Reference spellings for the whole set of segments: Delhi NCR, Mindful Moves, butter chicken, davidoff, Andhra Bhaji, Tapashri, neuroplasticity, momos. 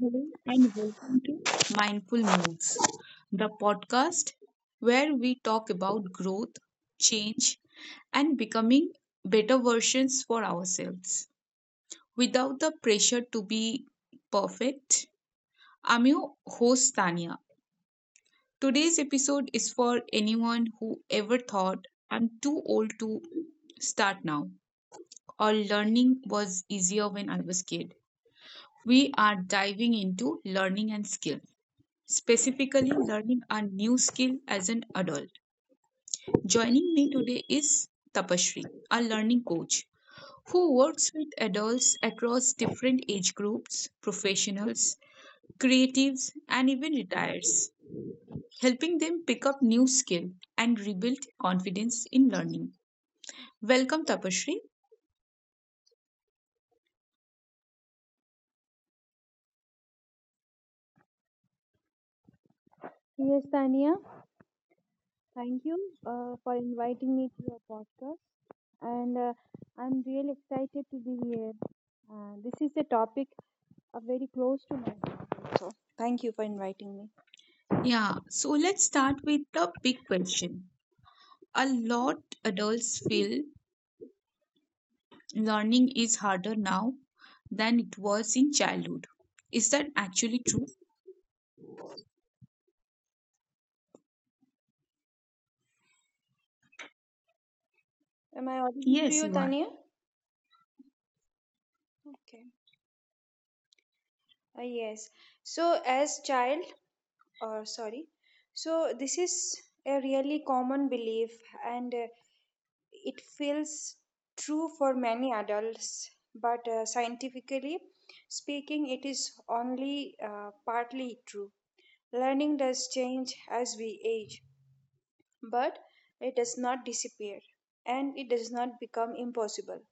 Hello and welcome to Mindful Moves, the podcast where we talk about growth, change, and becoming better versions for ourselves without the pressure to be perfect. I'm your host, Tanya. Today's episode is for anyone who ever thought I'm too old to start now or learning was easier when I was kid. We are diving into learning and skill, specifically learning a new skill as an adult. Joining me today is Tapashri, a learning coach who works with adults across different age groups, professionals, creatives, and even retirees, helping them pick up new skill and rebuild confidence in learning. Welcome, Tapashri. Yes, Tania, thank you for inviting me to your podcast. And I'm really excited to be here. This is a topic very close to my heart. So, thank you for inviting me. Yeah, so let's start with the big question. A lot adults feel learning is harder now than it was in childhood. Is that actually true? Am I audible to Yes, you, you are. Tania? Okay. Yes. So, as child, or sorry, so this is a really common belief, and it feels true for many adults, but scientifically speaking, it is only partly true. Learning does change as we age, but it does not disappear and it does not become impossible.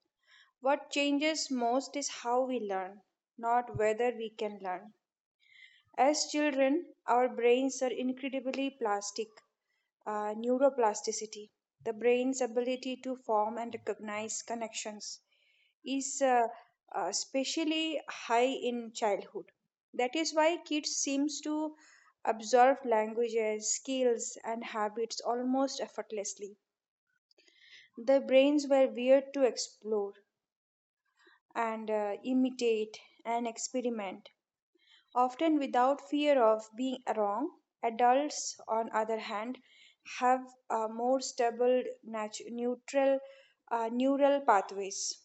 What changes most is how we learn, not whether we can learn. As children, our brains are incredibly plastic neuroplasticity, the brain's ability to form and recognize connections, is especially high in childhood. That is why kids seems to absorb languages, skills, and habits almost effortlessly. Their brains were weird to explore and imitate and experiment often without fear of being wrong. Adults, on other hand, have more stable neutral neural pathways.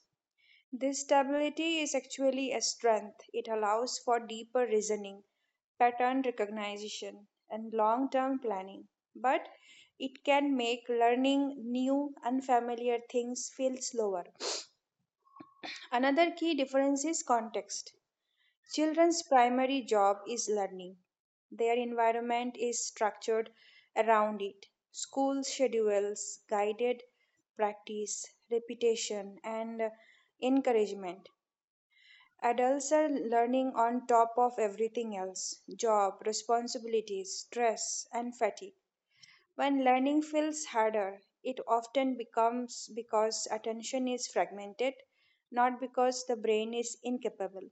This stability is actually a strength. It allows for deeper reasoning, pattern recognition, and long term planning. But it can make learning new, unfamiliar things feel slower. Another key difference is context. Children's primary job is learning. Their environment is structured around it. School schedules, guided practice, repetition, and encouragement. Adults are learning on top of everything else job, responsibilities, stress, and fatigue. When learning feels harder, it often becomes because attention is fragmented, not because the brain is incapable.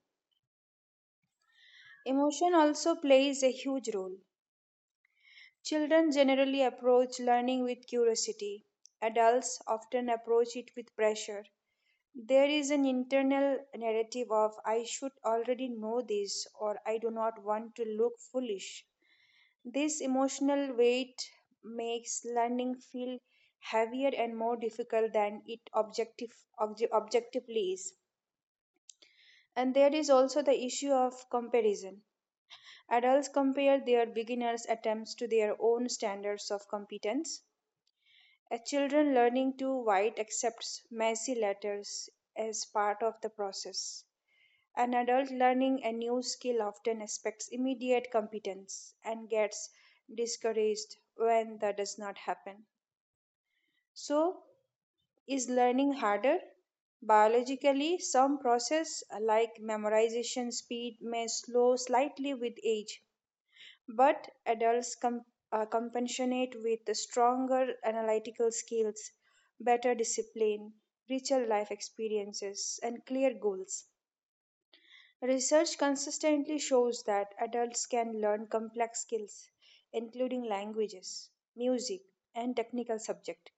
Emotion also plays a huge role. Children generally approach learning with curiosity. Adults often approach it with pressure. There is an internal narrative of I should already know this or I do not want to look foolish. This emotional weight makes learning feel heavier and more difficult than it objectively is. And there is also the issue of comparison. Adults compare their beginners' attempts to their own standards of competence. A children learning to write accepts messy letters as part of the process. An adult learning a new skill often expects immediate competence and gets discouraged when that does not happen. So, is learning harder? Biologically, some process like memorization speed may slow slightly with age, but adults compensate with the stronger analytical skills, better discipline, richer life experiences, and clear goals. Research consistently shows that adults can learn complex skills, including languages, music, and technical subjects,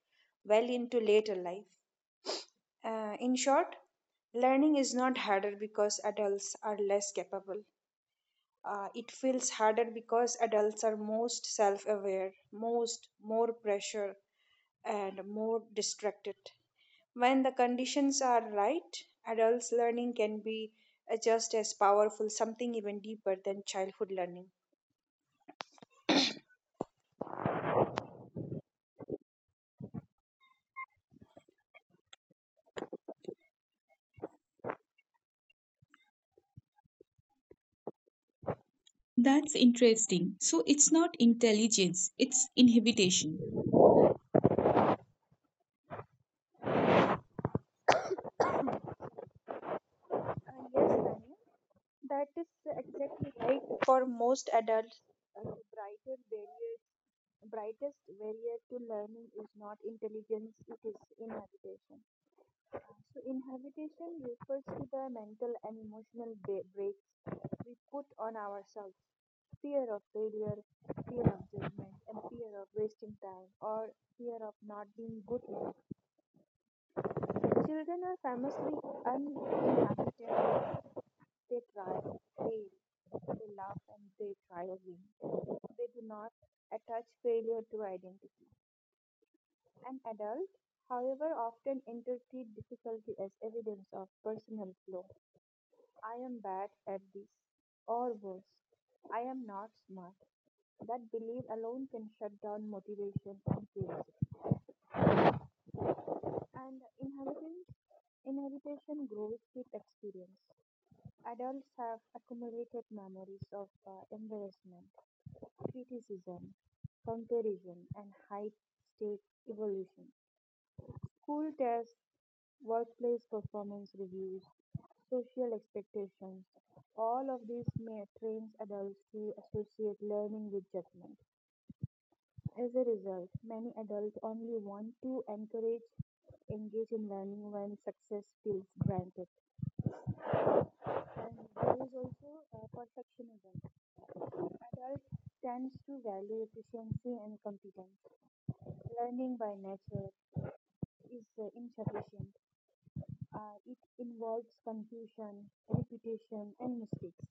well into later life. In short, learning is not harder because adults are less capable, it feels harder because adults are most self-aware most more pressure and more distracted. When the conditions are right adults learning can be just as powerful something even deeper than childhood learning. That's interesting. So it's not intelligence, it's inhibition. Yes Tanya, that is exactly right. For most adults the brighter barriers brightest barrier to learning is not intelligence, it is inhabitation. So, inhabitation refers to the mental and emotional brakes we put on ourselves, fear of failure, fear of judgment, and fear of wasting time or fear of not being good enough. Children are famously uninhabited. They try, fail, they laugh, and they try again. They do not attach failure to identity. An adult, however, often interpret difficulty as evidence of personal flaw. I am bad at this, or worse, I am not smart. That belief alone can shut down motivation and curiosity. And inheritation grows with experience. Adults have accumulated memories of embarrassment, criticism, comparison, and high stake evolution. School tests, workplace performance reviews, social expectations, all of these may trains adults to associate learning with judgment. As a result, many adults only want to encourage, engage in learning when success feels granted. And there is also perfectionism. Adult tends to value efficiency and competence. Learning by nature is insufficient. It involves confusion, repetition, and mistakes.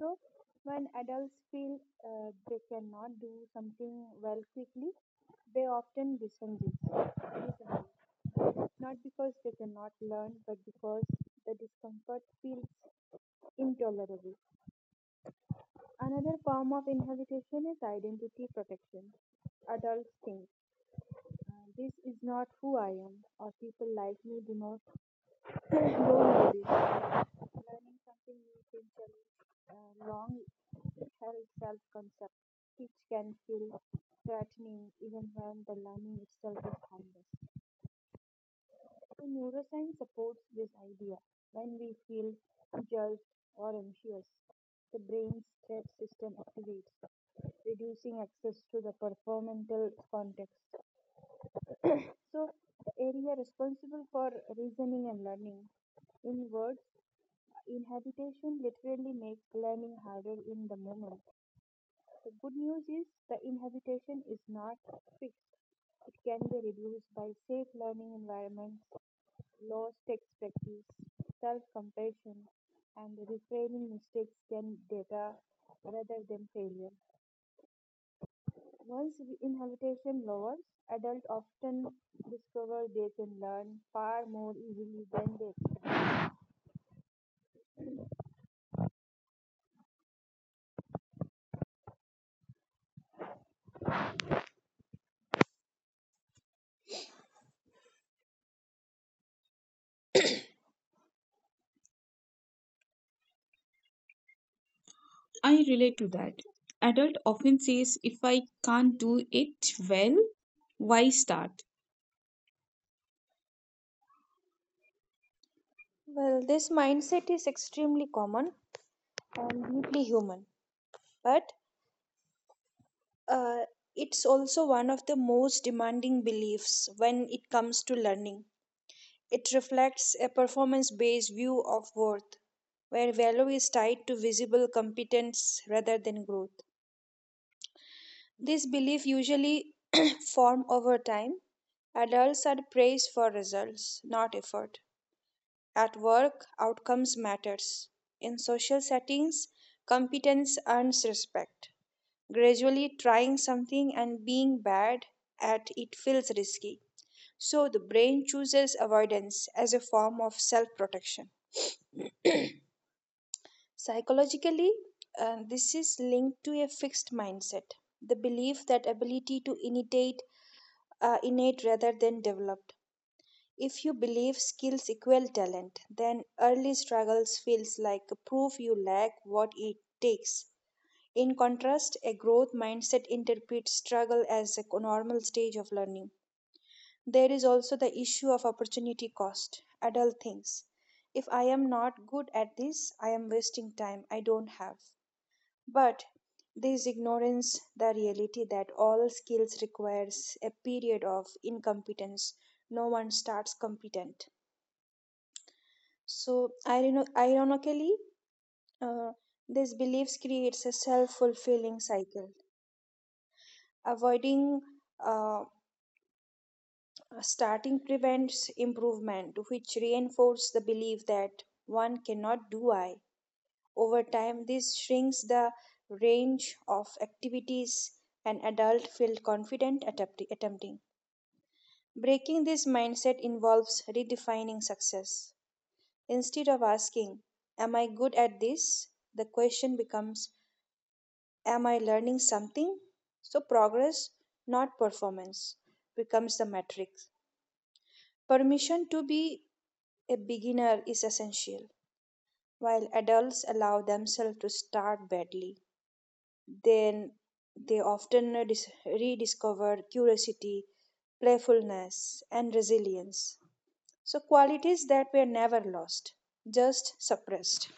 So, when adults feel they cannot do something well quickly, they often disengage. Not because they cannot learn, but because the discomfort feels intolerable. Another form of inhibition is identity protection. Adults think, This is not who I am, or people like me do not know this." Learning something new can challenge a long held self concept, which can feel threatening even when the learning itself is harmless. So, neuroscience supports this idea. When we feel judged or anxious, the brain's threat system activates, reducing access to the performental context. So, the area responsible for reasoning and learning in words inhabitation literally makes learning harder in the moment. The good news is the inhabitation is not fixed. It can be reduced by safe learning environments, low stakes practice, self compassion, and reframing mistakes can data rather than failure. Once the inhabitation lowers, adults often discover they can learn far more easily than they. I relate to that. Adult often says if I can't do it well, why start? Well, this mindset is extremely common and deeply human, but uh, it's also one of the most demanding beliefs when it comes to learning. It reflects a performance based view of worth, where value is tied to visible competence rather than growth. This belief usually form over time. Adults are praised for results, not effort. At work, outcomes matters. In social settings, competence earns respect. Gradually, trying something and being bad at it feels risky. So, the brain chooses avoidance as a form of self protection. Psychologically, this is linked to a fixed mindset, the belief that ability to imitate innate rather than developed. If you believe skills equal talent, then early struggles feels like a proof you lack what it takes. In contrast, a growth mindset interprets struggle as a normal stage of learning. There is also the issue of opportunity cost. Adult thinks, if I am not good at this, I am wasting time I don't have. But this ignorance the reality that all skills requires a period of incompetence. No one starts competent. So, ironically, uh, these beliefs creates a self-fulfilling cycle. Avoiding uh, starting prevents improvement, which reinforces the belief that one cannot do I. Over time, this shrinks the range of activities an adult feels confident attempting. Breaking this mindset involves redefining success. Instead of asking, am I good at this? The question becomes, am I learning something? So, progress, not performance, becomes the metric. Permission to be a beginner is essential. While adults allow themselves to start badly, then they often rediscover curiosity, playfulness, and resilience. So, qualities that were never lost, just suppressed.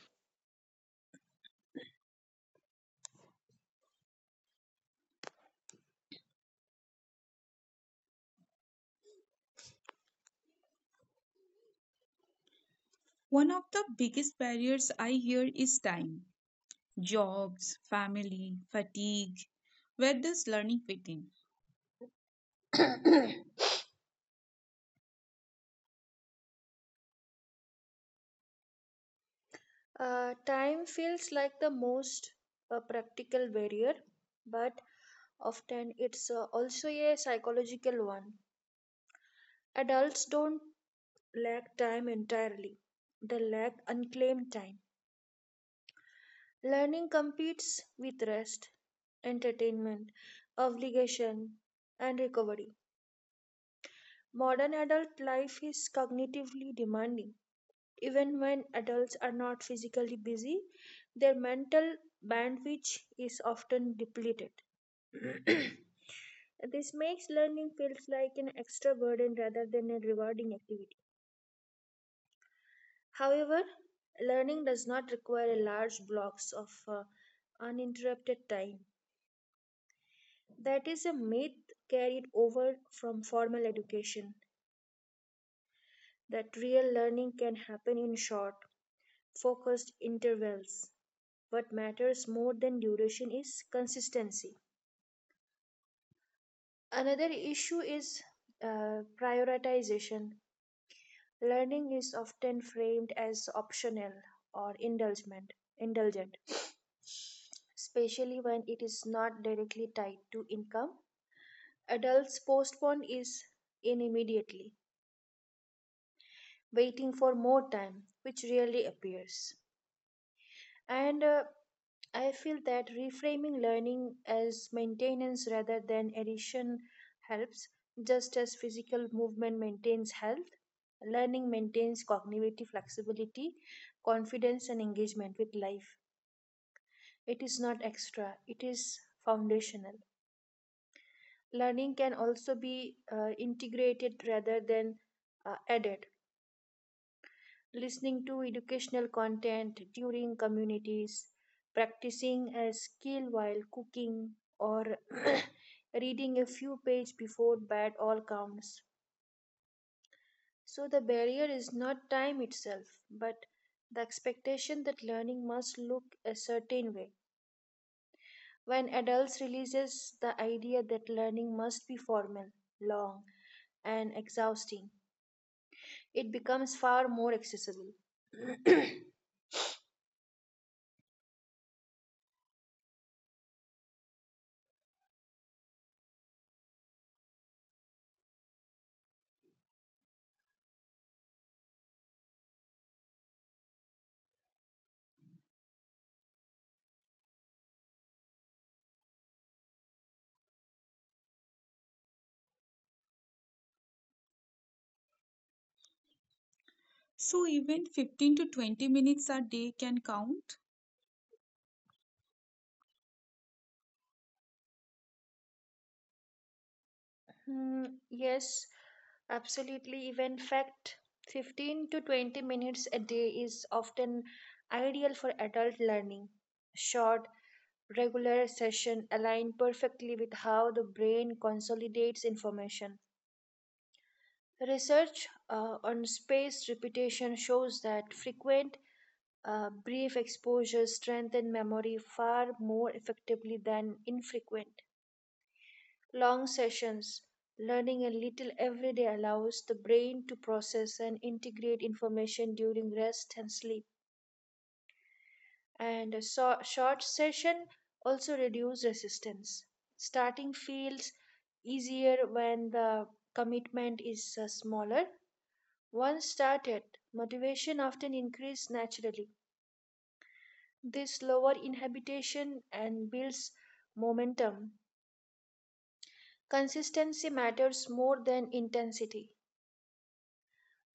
One of the biggest barriers I hear is time, jobs, family, fatigue. Where does learning fit in? Time feels like the most practical barrier, but often it's also a psychological one. Adults don't lack time entirely, they lack unclaimed time. Learning competes with rest, entertainment, obligation, and recovery. Modern adult life is cognitively demanding. Even when adults are not physically busy, their mental bandwidth is often depleted. This makes learning feels like an extra burden rather than a rewarding activity. However, learning does not require large blocks of uninterrupted time. That is a myth carried over from formal education that real learning can happen in short, focused intervals. What matters more than duration is consistency. Another issue is prioritization. Learning is often framed as optional or indulgent, especially when it is not directly tied to income. Adults postpone is in immediately waiting for more time, which rarely appears. And I feel that reframing learning as maintenance rather than addition helps, just as physical movement maintains health. Learning maintains cognitive flexibility, confidence, and engagement with life. It is not extra, it is foundational. Learning can also be integrated rather than added. Listening to educational content during communities, practicing a skill while cooking, or reading a few pages before bed all counts. So the barrier is not time itself, but the expectation that learning must look a certain way. When adults releases the idea that learning must be formal, long, and exhausting, it becomes far more accessible. So even 15 to 20 minutes a day can count? Hmm. Yes, absolutely. Even fact, 15 to 20 minutes a day is often ideal for adult learning. Short, regular session align perfectly with how the brain consolidates information. Research on spaced repetition shows that frequent, brief exposures strengthen memory far more effectively than infrequent. Long sessions, learning a little every day allows the brain to process and integrate information during rest and sleep. And a short session also reduces resistance. Starting feels easier when the commitment is smaller. Once started, motivation often increases naturally. This lower inhibition and builds momentum. Consistency matters more than intensity.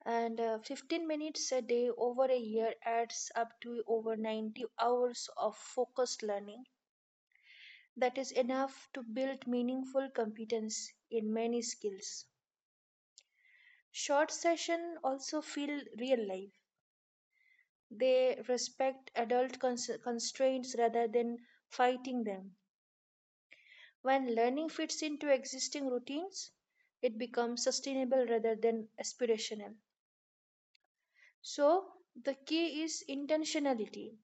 And 15 minutes a day over a year adds up to over 90 hours of focused learning. That is enough to build meaningful competence in many skills. Short sessions also feel real life, they respect adult constraints rather than fighting them. When learning fits into existing routines it becomes sustainable rather than aspirational. So the key is intentionality,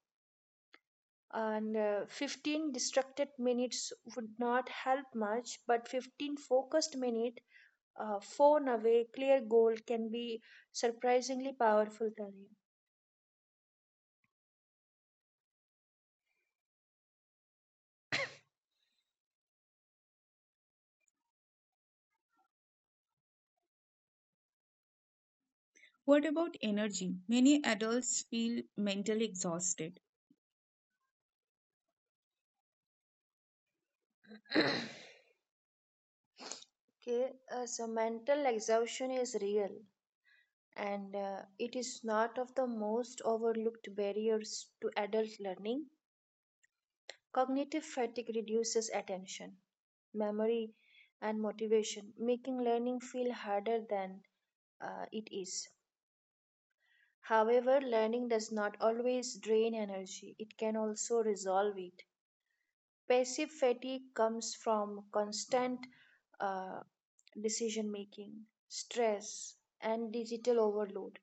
and 15 distracted minutes would not help much, but 15 focused minute phone away clear goal can be surprisingly powerful Tanya. What about energy? Many adults feel mentally exhausted. Okay, so mental exhaustion is real and it is not of the most overlooked barriers to adult learning. Cognitive fatigue reduces attention, memory, and motivation, making learning feel harder than it is. However, learning does not always drain energy, it can also resolve it. Passive fatigue comes from constant uh, decision making, stress, and digital overload.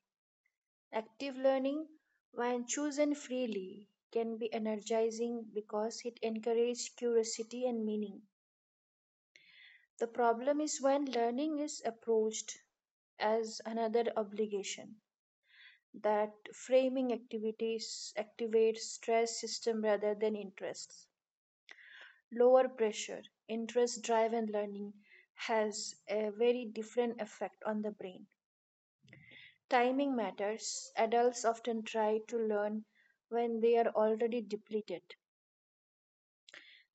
Active learning, when chosen freely, can be energizing because it encourages curiosity and meaning. The problem is when learning is approached as another obligation that framing activities activates stress system rather than interests. Lower pressure, interest driven learning has a very different effect on the brain. Timing matters. Adults often try to learn when they are already depleted.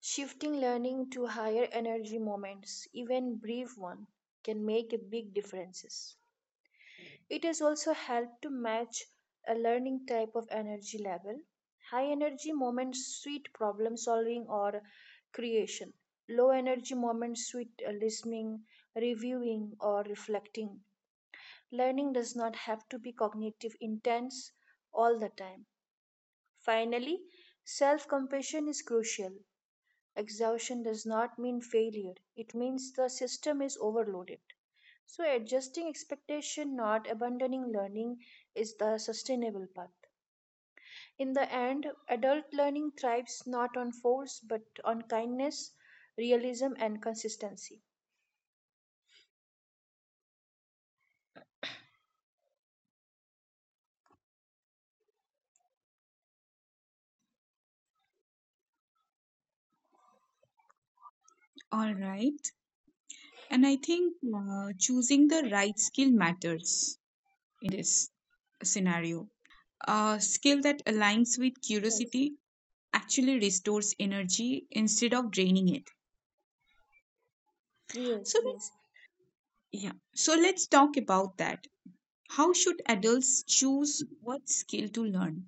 Shifting learning to higher energy moments, even brief one, can make a big differences. It has also helped to match a learning type of energy level. High energy moments suit problem solving or creation. Low energy moments suit listening, reviewing, or reflecting. Learning does not have to be cognitive intense all the time. Finally, self compassion is crucial. Exhaustion does not mean failure, it means the system is overloaded. So, adjusting expectation, not abandoning learning, is the sustainable path. In the end, adult learning thrives not on force but on kindness, realism, and consistency. All right. And I think choosing the right skill matters in this scenario. A skill that aligns with Yes, curiosity actually restores energy instead of draining it. So yes, let's yes. yeah. So let's talk about that. How should adults choose what skill to learn?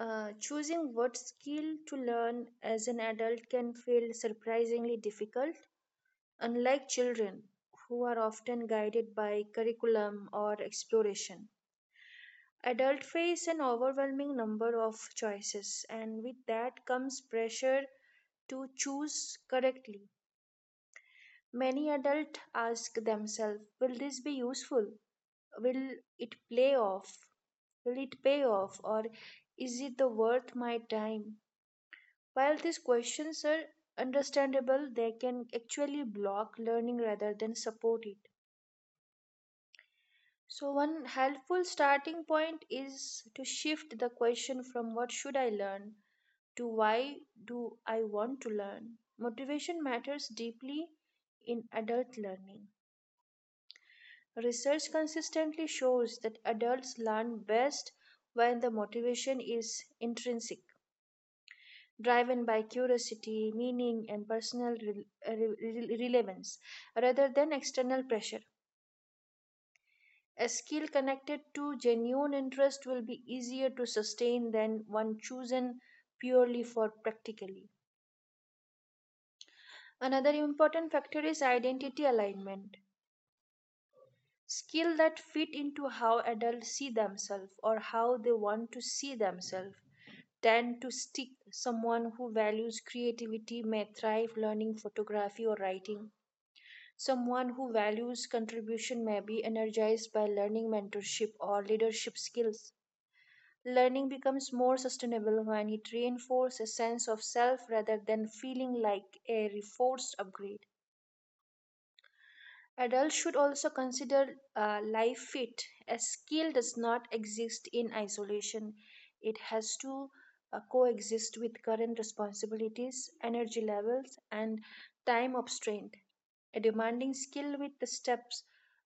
Choosing what skill to learn as an adult can feel surprisingly difficult, unlike children who are often guided by curriculum or exploration. Adults face an overwhelming number of choices, and with that comes pressure to choose correctly. Many adults ask themselves, will this be useful? Will it play off? Will it pay off? Or is it the worth my time? While these questions are understandable, they can actually block learning rather than support it. So, one helpful starting point is to shift the question from what should I learn to why do I want to learn? Motivation matters deeply in adult learning. Research consistently shows that adults learn best when the motivation is intrinsic, driven by curiosity, meaning, and personal relevance, rather than external pressure. A skill connected to genuine interest will be easier to sustain than one chosen purely for practically. Another important factor is identity alignment. Skills that fit into how adults see themselves or how they want to see themselves tend to stick. Someone who values creativity may thrive learning photography or writing. Someone who values contribution may be energized by learning mentorship or leadership skills. Learning becomes more sustainable when it reinforces a sense of self rather than feeling like a forced upgrade. Adults should also consider life fit. A skill does not exist in isolation, it has to coexist with current responsibilities, energy levels, and time obtained. A demanding skill with the steps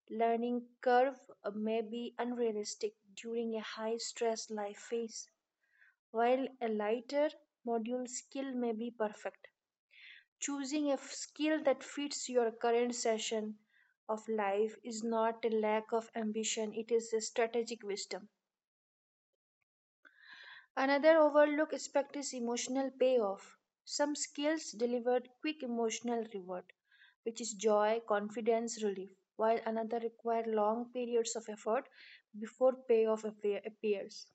learning curve may be unrealistic during a high stress life phase, while a lighter module skill may be perfect choosing a skill that fits your current session of life is not a lack of ambition, it is a strategic wisdom. Another overlooked aspect is emotional payoff. Some skills deliver quick emotional reward, which is joy, confidence, relief, while another require long periods of effort before appears.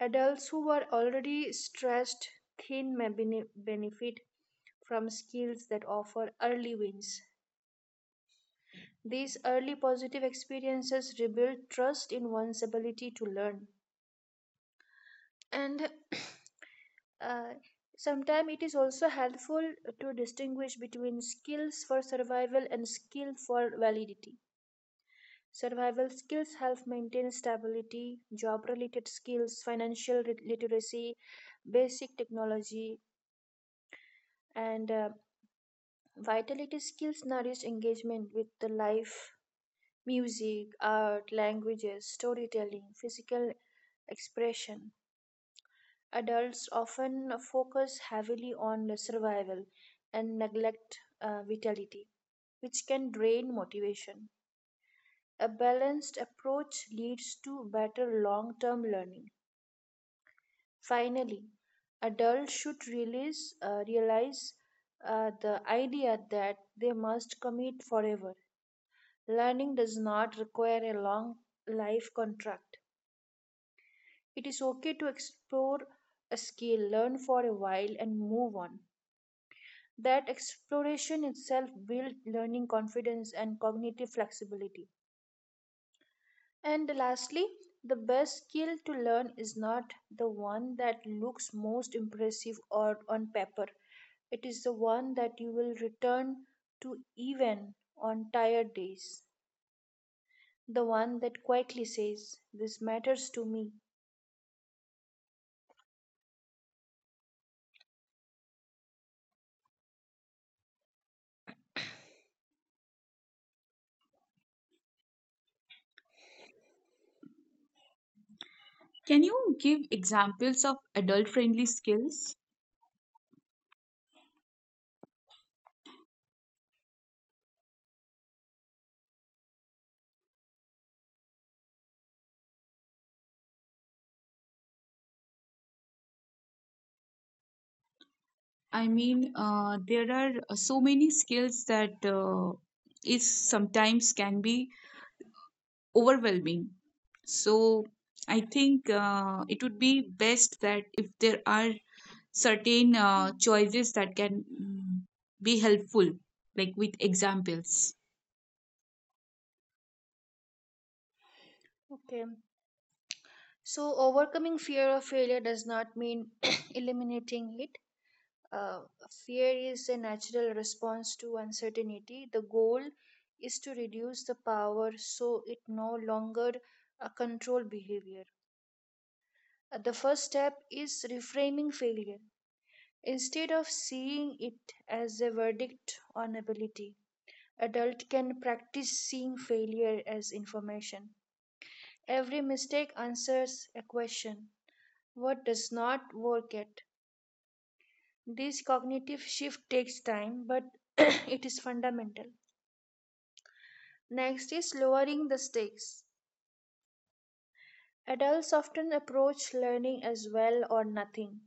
Adults who are already stressed thin may benefit from skills that offer early wins. These early positive experiences rebuild trust in one's ability to learn. And uh, Sometimes it is also helpful to distinguish between skills for survival and skill for validity. Survival skills help maintain stability, job related skills, financial literacy, basic technology, and vitality skills nourish engagement with the life music, art, languages, storytelling, physical expression. Adults often focus heavily on survival and neglect vitality, which can drain motivation. A balanced approach leads to better long term learning. Finally, adults should realize the idea that they must commit forever. Learning does not require a long life contract. It is okay to explore a skill, learn for a while, and move on. That exploration itself builds learning confidence and cognitive flexibility. And lastly, the best skill to learn is not the one that looks most impressive or on paper. It is the one that you will return to even on tired days. The one that quietly says, this matters to me. Can you give examples of adult friendly skills? I mean, there are so many skills that is sometimes can be overwhelming. So I think it would be best that if there are certain Mm, choices that can be helpful, like with examples. okay. So, overcoming fear of failure does not mean eliminating it. Uh, Fear is a natural response to uncertainty. The goal is to reduce the power so it no longer control behavior. The first step is reframing failure. Instead of seeing it as a verdict on ability, adult can practice seeing failure as information. Every mistake answers a question. What does not work yet? This cognitive shift takes time, but it is fundamental. Next is lowering the stakes. Adults often approach learning as well or nothing,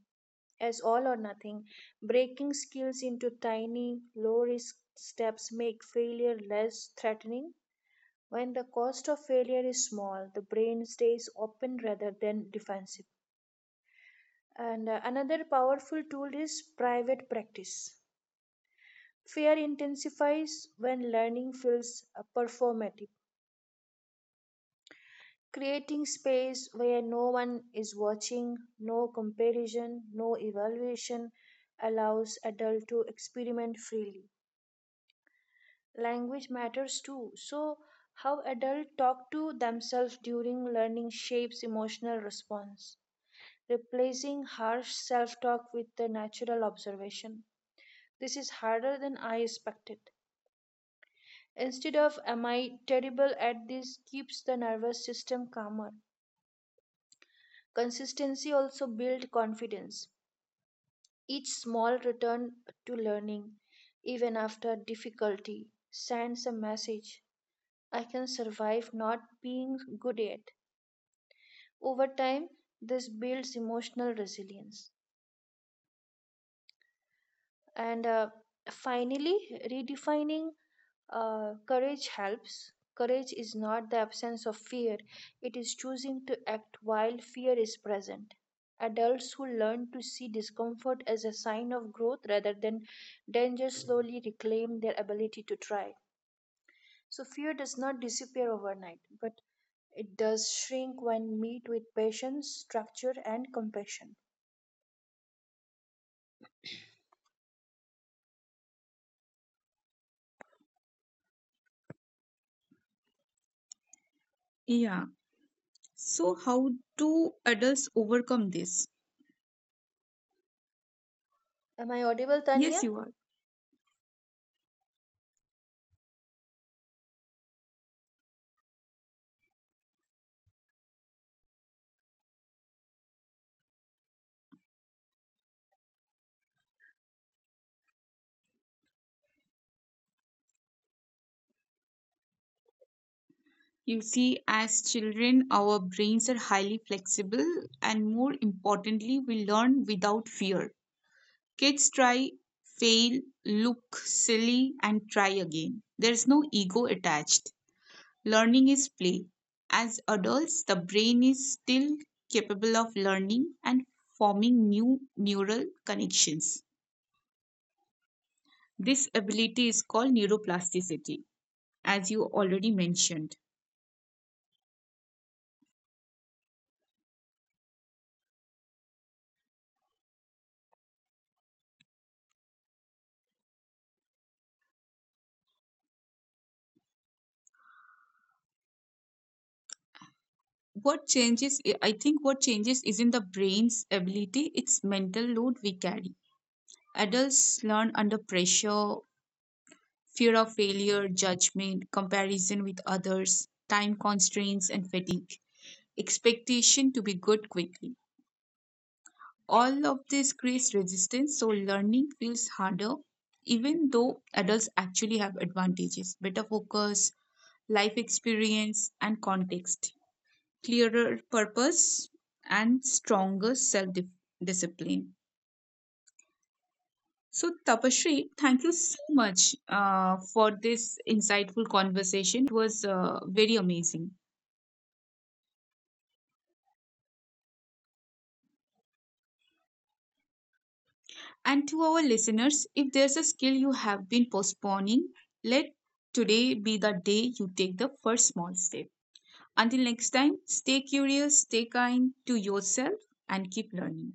as all or nothing. Breaking skills into tiny, low risk steps make failure less threatening. When the cost of failure is small, the brain stays open rather than defensive. And Another powerful tool is private practice. Fear intensifies when learning feels performative. Creating space where no one is watching, no comparison, no evaluation allows adult to experiment freely. Language matters too. So how adults talk to themselves during learning shapes emotional response, replacing harsh self-talk with the natural observation. This is harder than I expected. Instead of am I terrible at this keeps the nervous system calmer. Consistency also builds confidence. Each small return to learning, even after difficulty, sends a message I can survive not being good yet. Over time, this builds emotional resilience. And Finally, redefining courage helps. Courage is not the absence of fear, it is choosing to act while fear is present. Adults who learn to see discomfort as a sign of growth rather than danger slowly reclaim their ability to try. So, fear does not disappear overnight, but it does shrink when met with patience, structure, and compassion. Yeah. So how do adults overcome this? Am I audible, Yes, Tania? you are. You see, as children, our brains are highly flexible, and more importantly, we learn without fear. Kids try, fail, look silly, and try again. There's no ego attached. Learning is play. As adults, the brain is still capable of learning and forming new neural connections. This ability is called neuroplasticity, as you already mentioned. What changes, I think, what changes isn't the brain's ability, it's mental load we carry. Adults learn under pressure, fear of failure, judgment, comparison with others, time constraints, and fatigue, expectation to be good quickly. All of this creates resistance, so learning feels harder, even though adults actually have advantages, better focus, life experience, and context, clearer purpose, and stronger self discipline. So, Tapasree, thank you so much for this insightful conversation. It was very amazing. And to our listeners, if there's a skill you have been postponing, let today be the day you take the first small step. Until next time, stay curious, stay kind to yourself, and keep learning.